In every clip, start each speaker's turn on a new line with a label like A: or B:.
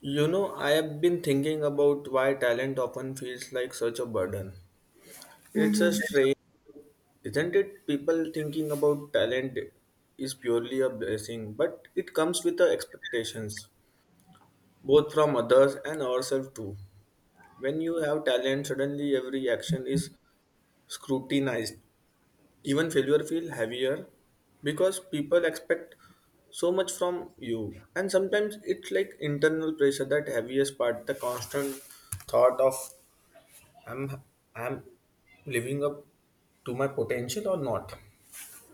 A: You know, I have been thinking about why talent often feels like such a burden. It's a
B: hmm
A: strain, isn't it? People thinking about talent is purely a blessing, but it comes with the expectations, both from others and ourselves too. When you have talent, suddenly every action is scrutinized. Even failure feels heavier because people expect so much from you and sometimes it's like internal pressure that heaviest part the constant thought of I'm I'm living up to my potential or not?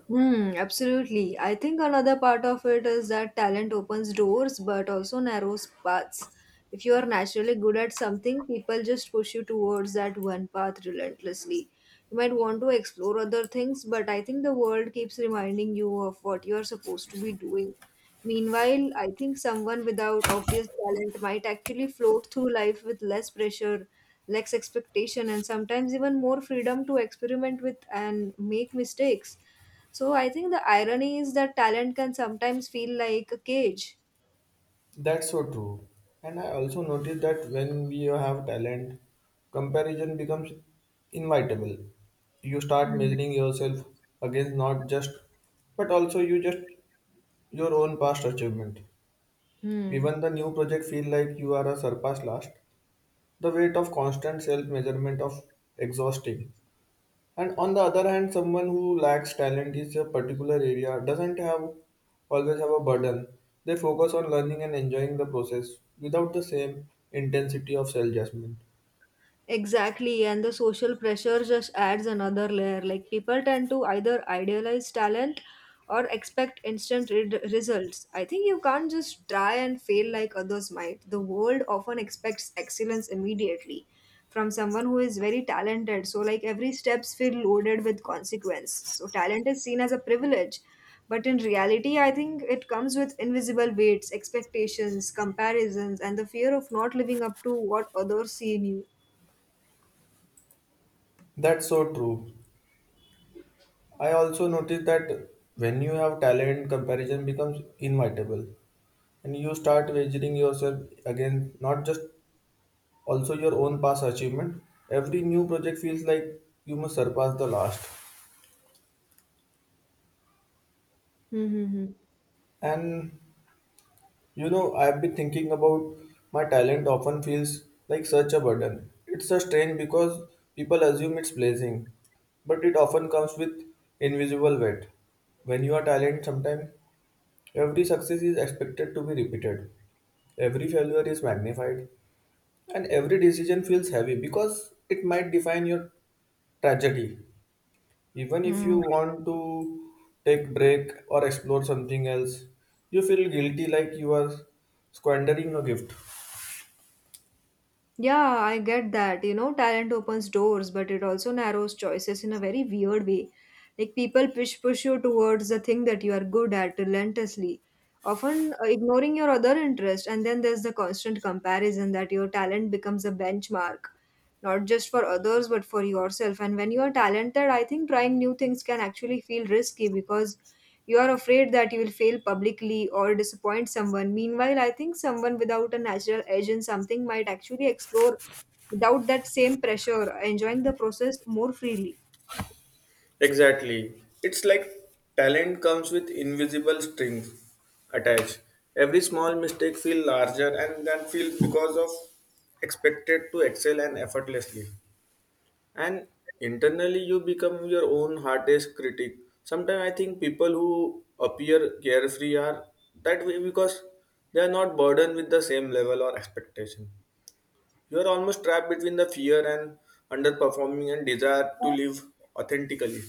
B: Hmm, absolutely. I think another part of it is that talent opens doors but also narrows paths. If you are naturally good at something, people just push you towards that one path relentlessly. You might want to explore other things, but I think the world keeps reminding you of what you are supposed to be doing. Meanwhile, I think someone without obvious talent might actually float through life with less pressure, less expectation, and sometimes even more freedom to experiment with and make mistakes, so I think the irony is that talent can sometimes feel like a cage.
A: That's so true. And I also noticed that when we have talent, comparison becomes inevitable. You start
B: Hmm.
A: measuring yourself against not just, but also you just your own past achievement.
B: Hmm.
A: Even the new project feel like you are a surpass last. The weight of constant self measurement of exhausting. And on the other hand, someone who lacks talent is a particular area doesn't have always have a burden. They focus on learning and enjoying the process without the same intensity of self judgment.
B: Exactly, and the social pressure just adds another layer. Like, people tend to either idealize talent or expect instant results. I think you can't just try and fail like others might. The world often expects excellence immediately from someone who is very talented. So like, every steps feel loaded with consequence. So talent is seen as a privilege. But in reality, I think it comes with invisible weights, expectations, comparisons, and the fear of not living up to what others see in you.
A: That's so true. I also noticed that when you have talent, comparison becomes inevitable, and you start wagering yourself against not just also your own past achievement. Every new project feels like you must surpass the last,
B: Mm-hmm.
A: and you know, I've been thinking about my talent often feels like such a burden. It's a strain because people assume it's blazing, but it often comes with invisible weight. When you are talented, sometimes every success is expected to be repeated, every failure is magnified, and every decision feels heavy because it might define your tragedy even if
B: Mm.
A: you want to take break or explore something else you feel guilty like you are squandering a gift.
B: Yeah, I get that. You know, talent opens doors, but it also narrows choices in a very weird way. Like, people push you towards the thing that you are good at relentlessly, often ignoring your other interest. And then there's the constant comparison that your talent becomes a benchmark, not just for others but for yourself. And when you are talented, I think trying new things can actually feel risky because you are afraid that you will fail publicly or disappoint someone. Meanwhile, I think someone without a natural edge in something might actually explore without that same pressure, enjoying the process more freely.
A: Exactly. It's like talent comes with invisible strings attached. Every small mistake feel larger and then feel because of expected to excel and effortlessly. And internally you become your own hardest critic sometimes I think people who appear carefree are that way because they are not burdened with the same level or expectation you are almost trapped between the fear and underperforming and desire to live authentically.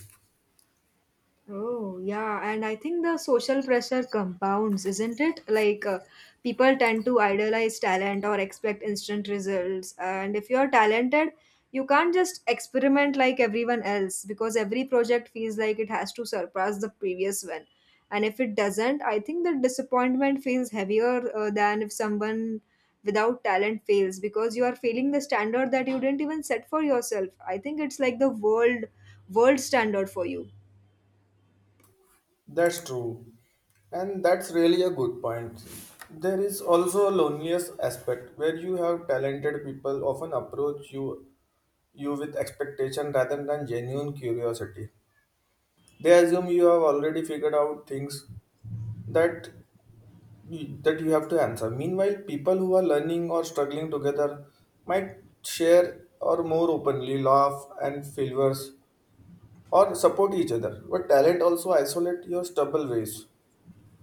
B: Oh, yeah. And I think the social pressure compounds, isn't it? Like, people tend to idolize talent or expect instant results. And if you're talented, you can't just experiment like everyone else because every project feels like it has to surpass the previous one. And if it doesn't, I think the disappointment feels heavier than if someone without talent fails, because you are failing the standard that you didn't even set for yourself. I think it's like the world standard for you.
A: That's true. And that's really a good point. There is also a loneliness aspect where you have talented people often approach you with expectation rather than genuine curiosity. They assume you have already figured out things that that you have to answer. Meanwhile, people who are learning or struggling together might share or more openly laugh and failures or support each other. But talent also isolate your stubble ways.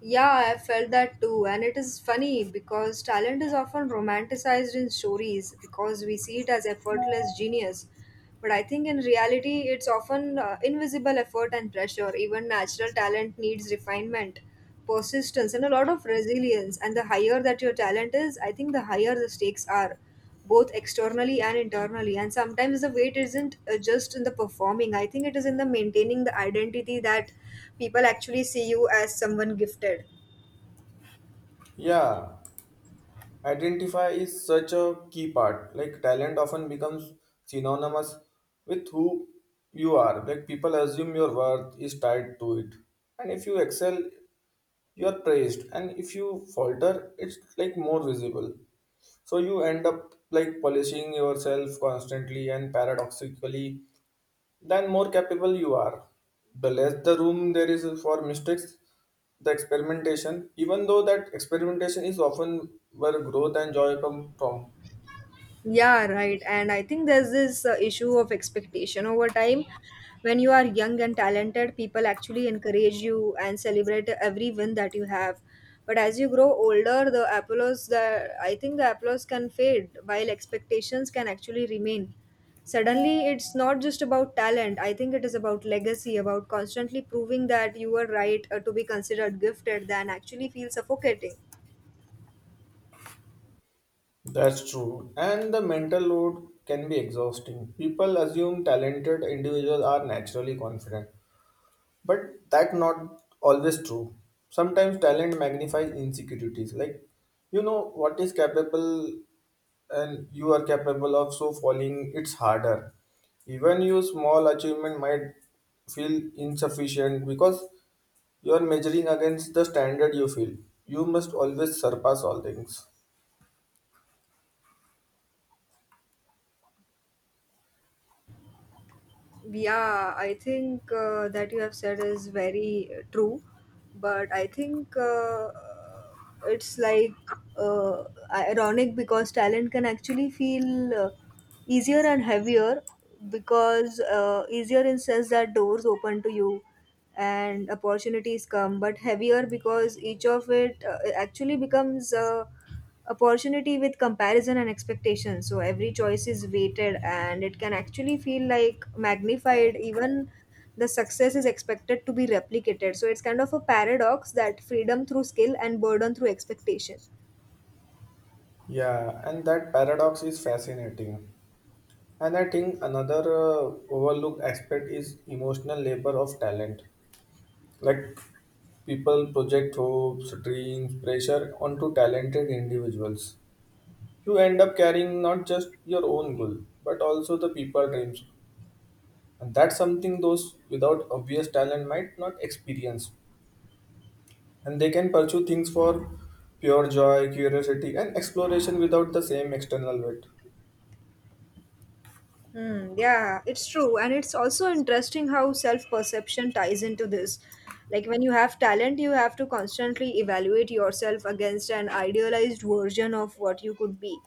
B: Yeah, I felt that too. And it is funny because talent is often romanticized in stories because we see it as effortless genius. But I think in reality, it's often invisible effort and pressure. Even natural talent needs refinement, persistence, and a lot of resilience. And the higher that your talent is, I think the higher the stakes are, both externally and internally. And sometimes the weight isn't just in the performing, I think it is in the maintaining the identity that people actually see you as someone gifted.
A: Yeah, identify is such a key part. Like talent often becomes synonymous with who you are. Like people assume your worth is tied to it. And if you excel you are praised and if you falter it's like more visible so you end up like polishing yourself constantly and paradoxically then more capable you are the less the room there is for mistakes the experimentation even though that experimentation is often where growth and joy come from.
B: Yeah, right. And I think there's this issue of expectation over time. When you are young and talented, people actually encourage you and celebrate every win that you have. But as you grow older, the applause that I think the applause can fade while expectations can actually remain. Suddenly, it's not just about talent. I think it is about legacy, about constantly proving that you were right to be considered gifted, than actually feel suffocating.
A: That's true and the mental load can be exhausting people assume talented individuals are naturally confident. But that not always true. Sometimes talent magnifies insecurities. Like you know what is capable and you are capable of so falling it's harder. Even your small achievement might feel insufficient because you are measuring against the standard you feel. You must always surpass all things.
B: Yeah, I think that you have said is very true, but I think it's like uh, ironic because talent can actually feel easier and heavier because easier in sense that doors open to you and opportunities come, but heavier because each of it actually becomes opportunity with comparison and expectation. So every choice is weighted and it can actually feel like magnified. Even the success is expected to be replicated, so it's kind of a paradox, that freedom through skill and burden through expectation.
A: Yeah, and that paradox is fascinating. And I think another overlooked aspect is emotional labor of talent. Like people project hopes, dreams, pressure onto talented individuals. You end up carrying not just your own goal, but also the people's dreams. And that's something those without obvious talent might not experience. And they can pursue things for pure joy, curiosity, and exploration without the same external weight.
B: Hmm, yeah, it's true. And it's also interesting how self-perception ties into this. Like, when you have talent, you have to constantly evaluate yourself against an idealized version of what you could be.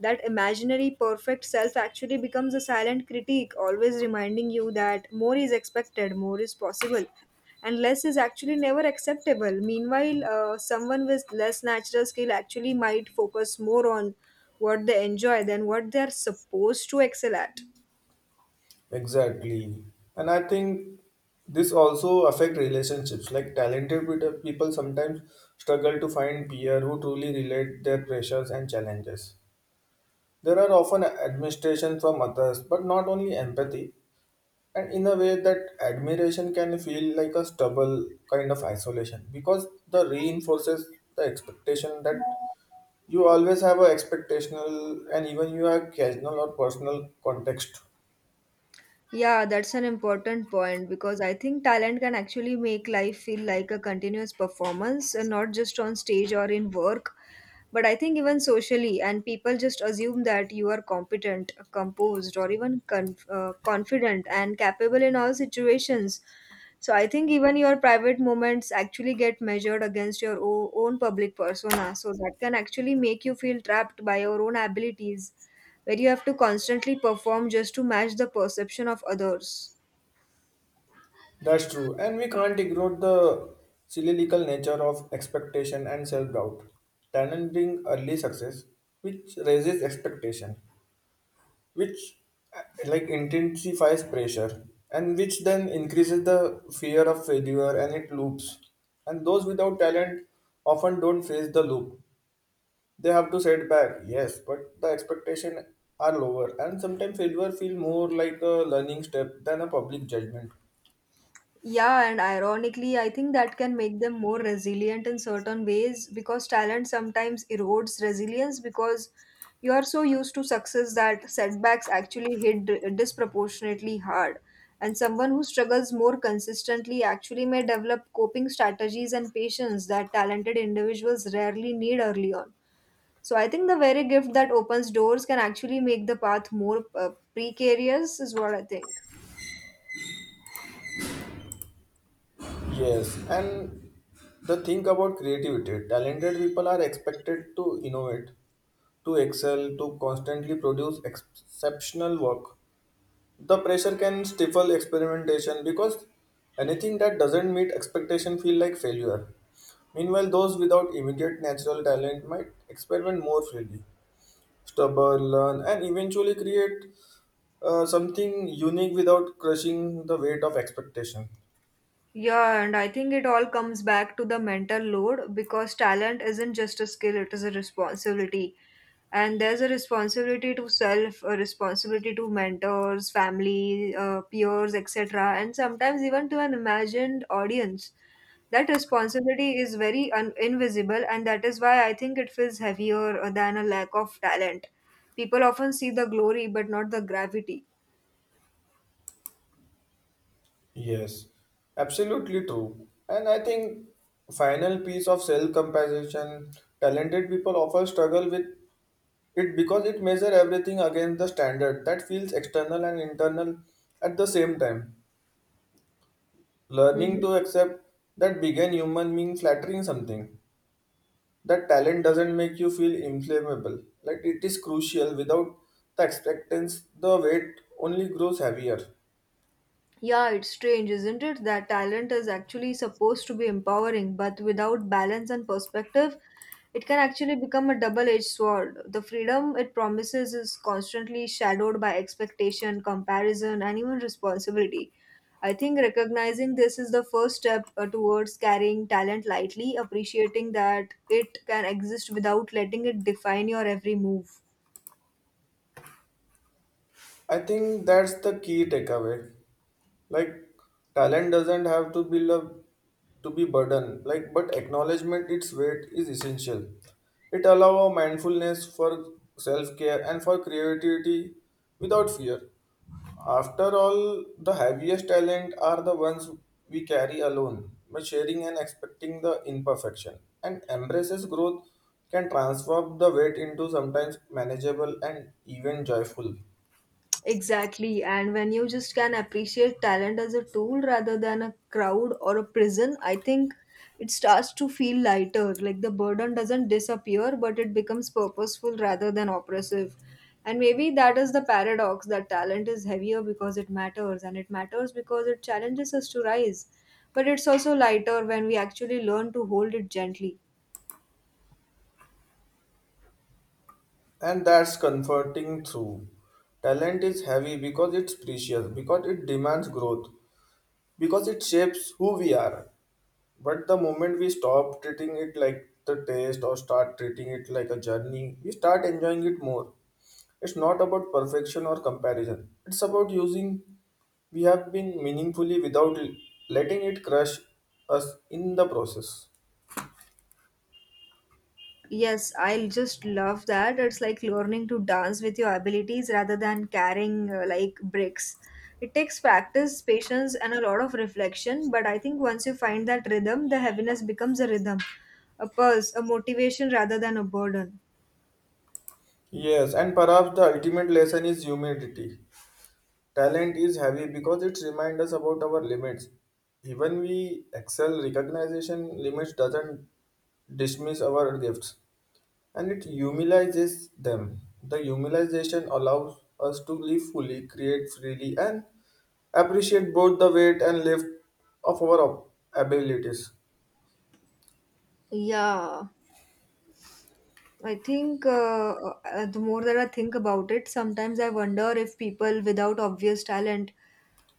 B: That imaginary perfect self actually becomes a silent critique, always reminding you that more is expected, more is possible, and less is actually never acceptable. Meanwhile, someone with less natural skill actually might focus more on what they enjoy than what they're supposed to excel at.
A: Exactly. And I think this also affect relationships. Like talented people sometimes struggle to find peer who truly relate their pressures and challenges. There are often administration from others, but not only empathy. And in a way that admiration can feel like a stubble kind of isolation because the reinforces the expectation that you always have a expectational and even you have casual or personal context.
B: Yeah, that's an important point because I think talent can actually make life feel like a continuous performance, and not just on stage or in work. But I think even socially, and people just assume that you are competent, composed, or even confident and capable in all situations. So I think even your private moments actually get measured against your own public persona. So that can actually make you feel trapped by your own abilities, where you have to constantly perform just to match the perception of others.
A: That's true, and we can't ignore the cyclical nature of expectation and self doubt. Talent bring early success, which raises expectation, which like intensifies pressure, and which then increases the fear of failure, and it loops. And those without talent often don't face the loop. They have to set back, yes, but the expectation are lower, and sometimes failure feel more like a learning step than a public judgment.
B: Yeah, and ironically, I think that can make them more resilient in certain ways, because talent sometimes erodes resilience because you are so used to success that setbacks actually hit disproportionately hard. And someone who struggles more consistently actually may develop coping strategies and patience that talented individuals rarely need early on. So I think the very gift that opens doors can actually make the path more precarious, is what I think.
A: Yes, and the thing about creativity, talented people are expected to innovate, to excel, to constantly produce exceptional work. The pressure can stifle experimentation because anything that doesn't meet expectation feel like failure. Meanwhile, those without immediate natural talent might experiment more freely, stubborn, learn, and eventually create something unique without crushing the weight of expectation.
B: Yeah, and I think it all comes back to the mental load, because talent isn't just a skill, it is a responsibility. And there's a responsibility to self, a responsibility to mentors, family, peers, etc., and sometimes even to an imagined audience. That responsibility is very invisible, and that is why I think it feels heavier than a lack of talent. People often see the glory but not the gravity.
A: Yes, absolutely true. And I think final piece of self-compassion, talented people often struggle with it because it measure everything against the standard that feels external and internal at the same time. Learning
B: Mm-hmm.
A: to accept that being human means flattering something. That talent doesn't make you feel inflammable. Like it is crucial. Without the expectance, the weight only grows heavier.
B: Yeah, it's strange, isn't it? That talent is actually supposed to be empowering, but without balance and perspective, it can actually become a double edged sword. The freedom it promises is constantly shadowed by expectation, comparison, and even responsibility. I think recognizing this is the first step towards carrying talent lightly, appreciating that it can exist without letting it define your every move.
A: I think that's the key takeaway. Like talent doesn't have to be love to be burden like but acknowledgement its weight is essential it allows mindfulness for self-care and for creativity without fear after all the heaviest talent are the ones we carry alone by sharing and expecting the imperfection and embraces growth can transform the weight into sometimes manageable and even joyful.
B: Exactly. And when you just can appreciate talent as a tool rather than a crowd or a prison, I think it starts to feel lighter. Like, the burden doesn't disappear, but it becomes purposeful rather than oppressive. And maybe that is the paradox, that talent is heavier because it matters, and it matters because it challenges us to rise. But it's also lighter when we actually learn to hold it gently.
A: And that's comforting through. Talent is heavy because it's precious, because it demands growth, because it shapes who we are. But the moment we stop treating it like the taste or start treating it like a journey, we start enjoying it more. It's not about perfection or comparison. It's about using we have been meaningfully without letting it crush us in the process.
B: Yes, I'll just love that. It's like learning to dance with your abilities rather than carrying like bricks. It takes practice, patience, and a lot of reflection, but I think once you find that rhythm, the heaviness becomes a rhythm, a pulse, a motivation rather than a burden.
A: Yes, and perhaps the ultimate lesson is humility. Talent is heavy because it reminds us about our limits. Even we excel recognition limits doesn't dismiss our gifts and it humanizes them. The humanization allows us to live fully, create freely and appreciate both the weight and lift of our abilities.
B: Yeah. I think the more that I think about it, sometimes I wonder if people without obvious talent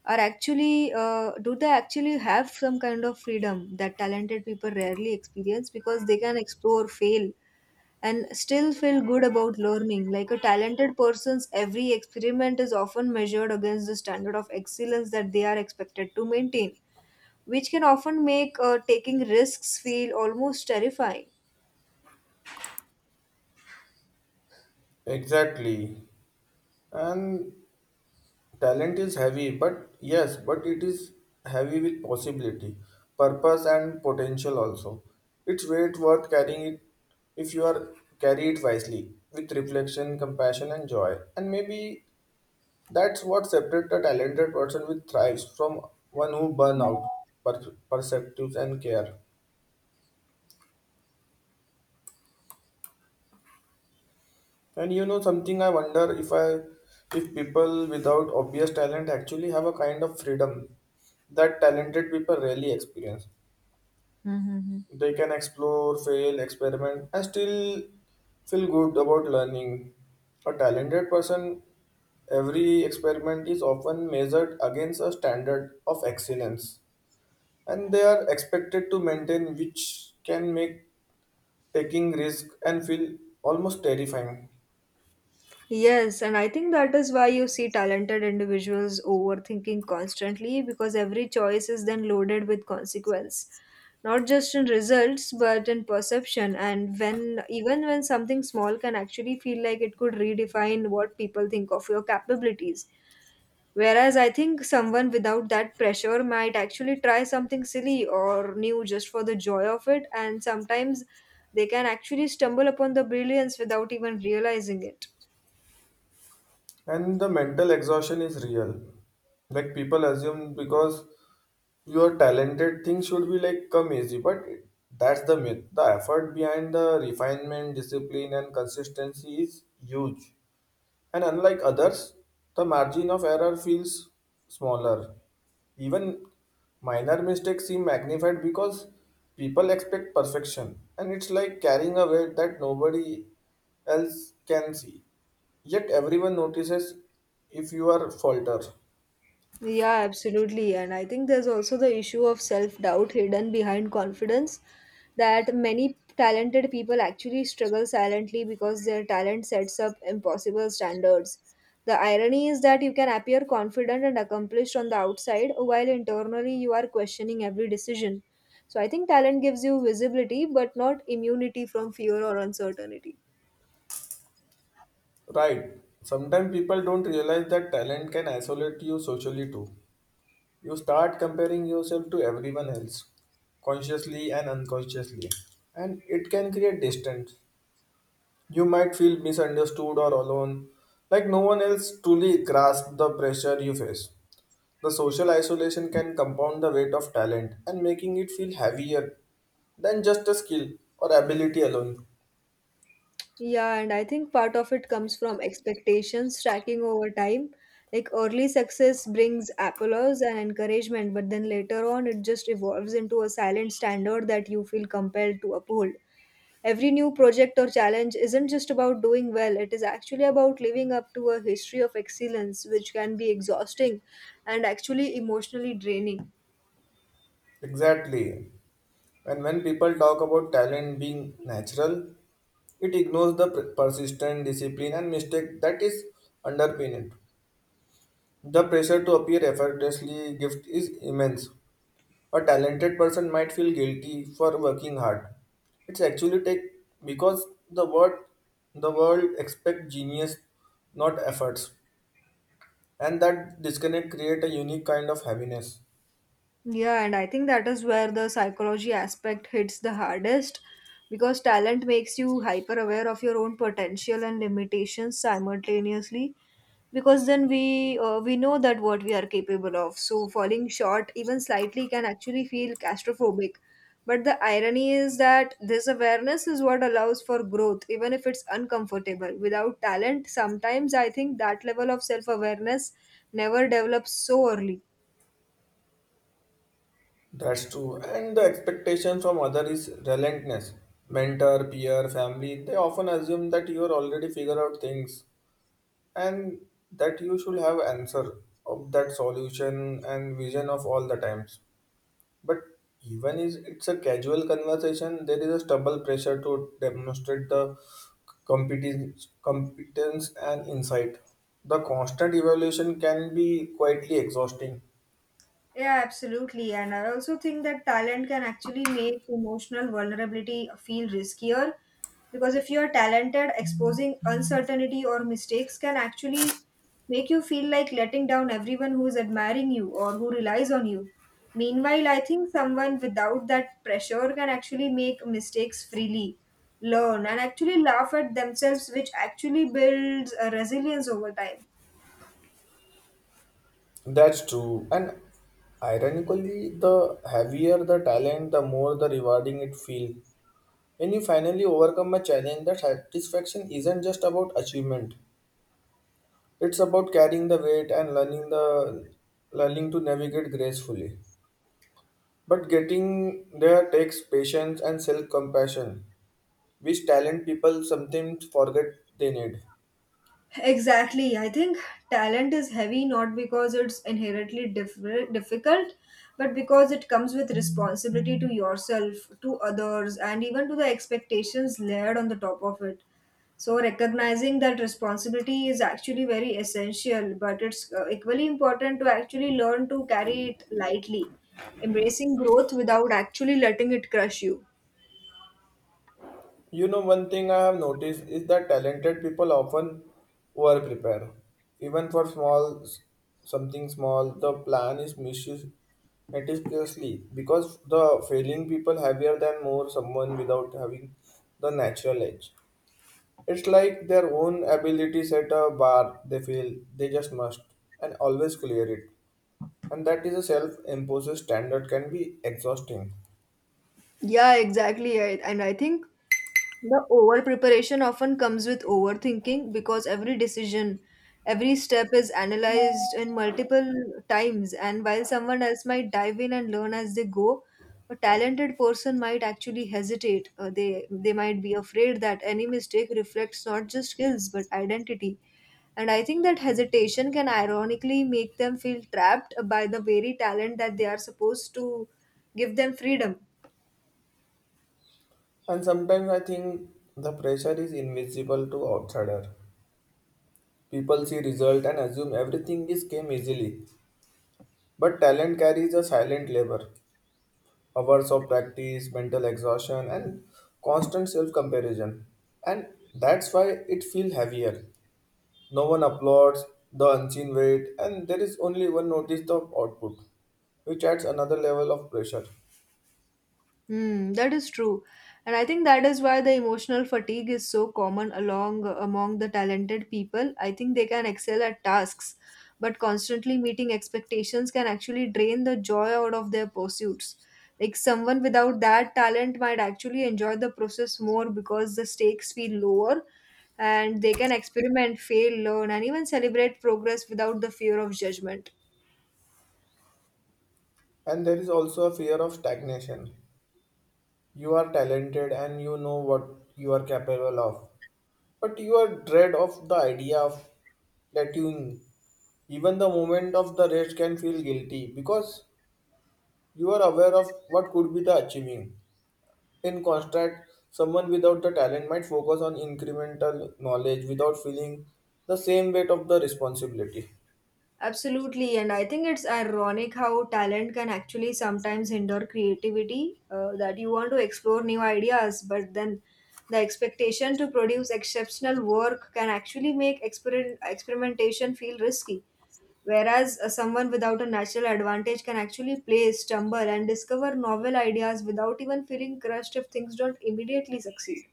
B: are actually, do they actually have some kind of freedom that talented people rarely experience, because they can explore, fail, and still feel good about learning. Like, a talented person's every experiment is often measured against the standard of excellence that they are expected to maintain, which can often make taking risks feel almost terrifying.
A: Exactly. And talent is heavy, but yes, but it is heavy with possibility, purpose, and potential also. It's weight worth carrying it if you are carry it wisely with reflection, compassion, and joy. And maybe that's what separates a talented person with thrives from one who burn out perceptives and care. And you know something, I wonder if people without obvious talent actually have a kind of freedom that talented people rarely experience.
B: Mhm.
A: They can explore, fail, experiment, and still feel good about learning. A talented person, every experiment is often measured against a standard of excellence, and they are expected to maintain, which can make taking risk and feel almost terrifying.
B: Yes, and I think that is why you see talented individuals overthinking constantly, because every choice is then loaded with consequence, not just in results but in perception. And when even when something small can actually feel like it could redefine what people think of your capabilities. Whereas I think someone without that pressure might actually try something silly or new just for the joy of it, and sometimes they can actually stumble upon the brilliance without even realizing it.
A: And the mental exhaustion is real. Like people assume because your talented thing should be like come easy but that's the myth the effort behind the refinement discipline and consistency is huge and unlike others the margin of error feels smaller even minor mistakes seem magnified because people expect perfection and it's like carrying a weight that nobody else can see yet everyone notices if you are falter.
B: Yeah, absolutely. And I think there's also the issue of self doubt hidden behind confidence, that many talented people actually struggle silently because their talent sets up impossible standards. The irony is that you can appear confident and accomplished on the outside while internally you are questioning every decision. So I think talent gives you visibility but not immunity from fear or uncertainty.
A: Right. Sometimes people don't realize that talent can isolate you socially too. You start comparing yourself to everyone else, consciously and unconsciously, and it can create distance. You might feel misunderstood or alone, like no one else truly grasps the pressure you face. The social isolation can compound the weight of talent and making it feel heavier than just a skill or ability alone.
B: Yeah, and I think part of it comes from expectations stacking over time. Like, early success brings applause and encouragement, but then later on it just evolves into a silent standard that you feel compelled to uphold. Every new project or challenge isn't just about doing well, it is actually about living up to a history of excellence, which can be exhausting and actually emotionally draining.
A: Exactly. And when people talk about talent being natural, it ignores the persistent discipline and mistake that is underpin it. The pressure to appear effortlessly gift is immense. A talented person might feel guilty for working hard. It's actually take because the word the world expect genius, not efforts. And that disconnect create a unique kind of heaviness.
B: Yeah, and I think that is where the psychology aspect hits the hardest because talent makes you hyper aware of your own potential and limitations simultaneously because then we know that what we are capable of, so falling short even slightly can actually feel claustrophobic. But the irony is that this awareness is what allows for growth even if it's uncomfortable. Without talent, sometimes I think that level of self awareness never develops so early.
A: That's true. And the expectation from other is relentless. Mentor, peer, family, they often assume that you are already figure out things and that you should have answer of that solution and vision of all the times but even is it's a casual conversation there is a stubble pressure to demonstrate the competence and insight the constant evaluation can be quietly exhausting.
B: Yeah, absolutely. And I also think that talent can actually make emotional vulnerability feel riskier because if you are talented, exposing uncertainty or mistakes can actually make you feel like letting down everyone who is admiring you or who relies on you. Meanwhile, I think someone without that pressure can actually make mistakes freely, learn, and actually laugh at themselves, which actually builds a resilience over time.
A: That's true and ironically the heavier the talent the more the rewarding it feels when you finally overcome a challenge the satisfaction isn't just about achievement. It's about carrying the weight and learning the learning to navigate gracefully. But getting there takes patience and self-compassion, which talent people sometimes forget they need.
B: Exactly. I think talent is heavy not because it's inherently difficult, but because it comes with responsibility to yourself, to others, and even to the expectations layered on the top of it. So, recognizing that responsibility is actually very essential, but it's equally important to actually learn to carry it lightly, embracing growth without actually letting it crush you.
A: You know, one thing I have noticed is that talented people often over-prepare. Even for small something small, the plan is misused meticulously because the failing people heavier than more someone without having the natural edge. It's like their own abilities at a bar, they feel they just must and always clear it. And that is a self imposed standard can be exhausting.
B: Yeah, exactly. And I think the over preparation often comes with overthinking because every decision, every step is analyzed in multiple times. And while someone else might dive in and learn as they go, a talented person might actually hesitate. They might be afraid that any mistake reflects not just skills but identity. And I think that hesitation can ironically make them feel trapped by the very talent that they are supposed to give them freedom.
A: And sometimes I think the pressure is invisible to outsider. People see result and assume everything is came easily. But talent carries a silent labor, hours of practice, mental exhaustion and constant self comparison. And that's why it feels heavier. No one applauds the unseen weight, and there is only one notice the output, which adds another level of pressure.
B: Hmm, that is true. And I think that is why the emotional fatigue is so common along among the talented people. I think they can excel at tasks, but constantly meeting expectations can actually drain the joy out of their pursuits. Like someone without that talent might actually enjoy the process more because the stakes feel lower and they can experiment, fail, learn, and even celebrate progress without the fear of judgment.
A: And there is also a fear of stagnation. You are talented and you know what you are capable of, but you are dread of the idea of plateauing. Even the moment of the race can feel guilty because you are aware of what could be the achieving. In contrast, someone without the talent might focus on incremental knowledge without feeling the same weight of the responsibility.
B: Absolutely, and I think it's ironic how talent can actually sometimes hinder creativity. That you want to explore new ideas, but then the expectation to produce exceptional work can actually make experimentation feel risky. Whereas someone without a natural advantage can actually play, stumble, and discover novel ideas without even feeling crushed if things don't immediately succeed.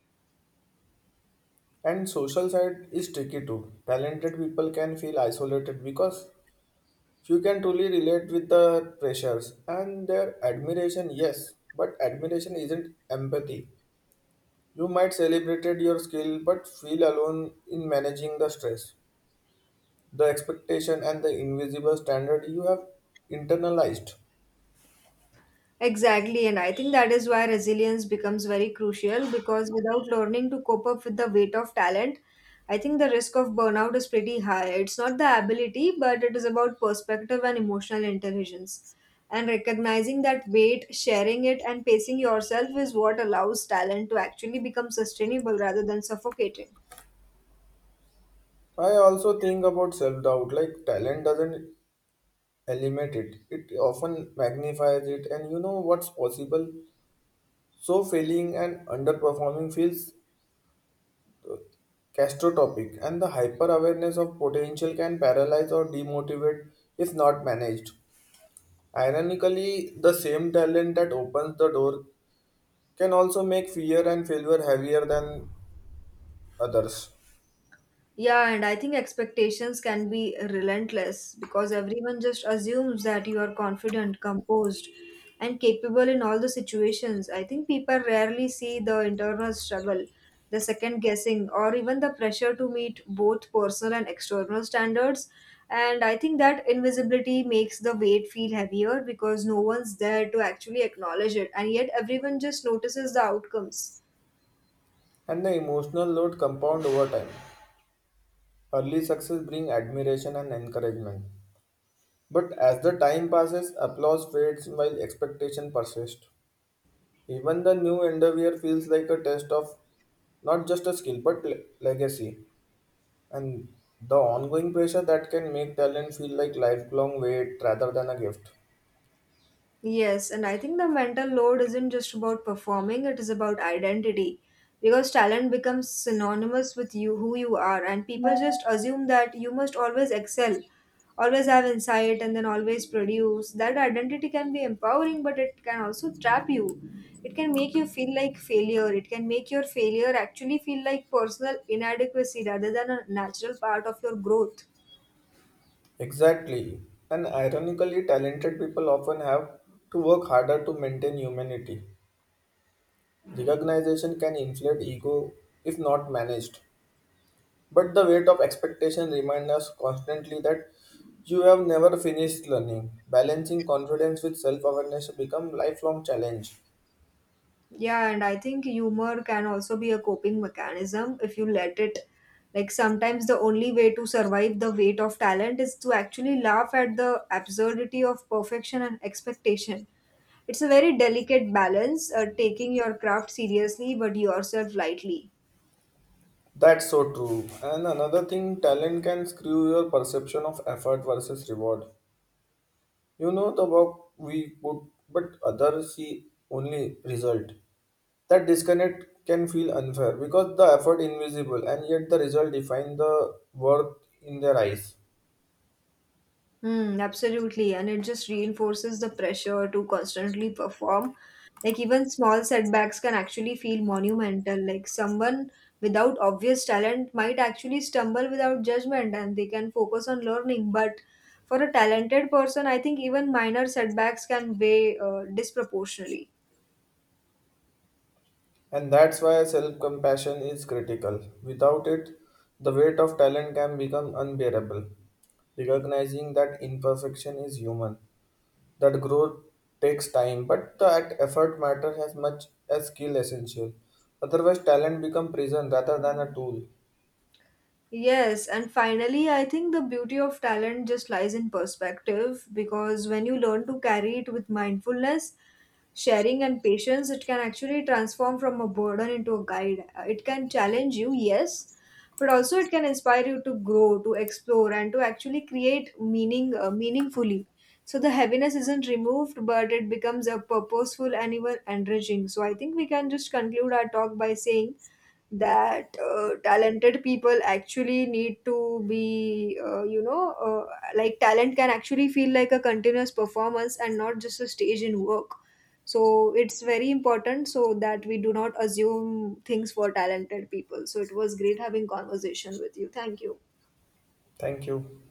A: And social side is tricky too. Talented people can feel isolated because few can truly relate with the pressures and their admiration, yes, but admiration isn't empathy. You might celebrated your skill but feel alone in managing the stress, the expectation and the invisible standard you have internalized.
B: Exactly, and I think that is why resilience becomes very crucial because without learning to cope up with the weight of talent, I think the risk of burnout is pretty high. It's not the ability, but it is about perspective and emotional intelligence. And recognizing that weight, sharing it, and pacing yourself is what allows talent to actually become sustainable rather than suffocating.
A: I also think about self doubt, like talent doesn't eliminate it, it often magnifies it, and you know what's possible. So, failing and underperforming feels catastrophic, and the hyper awareness of potential can paralyze or demotivate if not managed. Ironically, the same talent that opens the door can also make fear and failure heavier than others,
B: Yeah, and I think expectations can be relentless because everyone just assumes that you are confident, composed, and capable in all the situations. I think people rarely see the internal struggle, the second guessing, or even the pressure to meet both personal and external standards. And I think that invisibility makes the weight feel heavier because no one's there to actually acknowledge it, and yet everyone just notices the outcomes.
A: and the emotional load compound over time. Early success brings admiration and encouragement. But as the time passes, applause fades while expectation persists. Even the new endeavor feels like a test of not just a skill but legacy, and the ongoing pressure that can make talent feel like lifelong wait rather than a gift.
B: Yes, and I think the mental load isn't just about performing, it is about identity. Because talent becomes synonymous with you, who you are, and people just assume that you must always excel, always have insight, and then always produce. That identity can be empowering, but it can also trap you. It can make you feel like failure. It can make your failure actually feel like personal inadequacy rather than a natural part of your growth.
A: Exactly, and ironically, talented people often have to work harder to maintain humanity. Recognition can inflate ego if not managed. But the weight of expectation reminds us constantly that you have never finished learning. Balancing confidence with self awareness become lifelong challenge.
B: Yeah, and I think humor can also be a coping mechanism if you let it. Like sometimes the only way to survive the weight of talent is to actually laugh at the absurdity of perfection and expectation. It's a very delicate balance, taking your craft seriously but yourself lightly.
A: That's so true. And another thing, talent can screw your perception of effort versus reward. You know the work we put, but others see only result. That disconnect can feel unfair because the effort invisible and yet the result define the worth in their eyes.
B: Mm, absolutely. And it just reinforces the pressure to constantly perform. Like, even small setbacks can actually feel monumental. Like, someone without obvious talent might actually stumble without judgment and they can focus on learning. But for a talented person, I think even minor setbacks can weigh disproportionately.
A: And that's why self compassion is critical. Without it, the weight of talent can become unbearable. Recognizing that imperfection is human, that growth takes time, but that effort matters as much as skill essential. Otherwise, talent becomes prison rather than a tool.
B: Yes, and finally, I think the beauty of talent just lies in perspective because when you learn to carry it with mindfulness, sharing, and patience, it can actually transform from a burden into a guide. It can challenge you, yes, but also it can inspire you to grow, to explore, and to actually create meaningfully. So the heaviness isn't removed, but it becomes a purposeful and even enriching. So I think we can just conclude our talk by saying that talented people actually need to be like talent can actually feel like a continuous performance and not just a stage in work, so it's very important so that we do not assume things for talented people. So it was great having conversation with you. Thank you.
A: Thank you.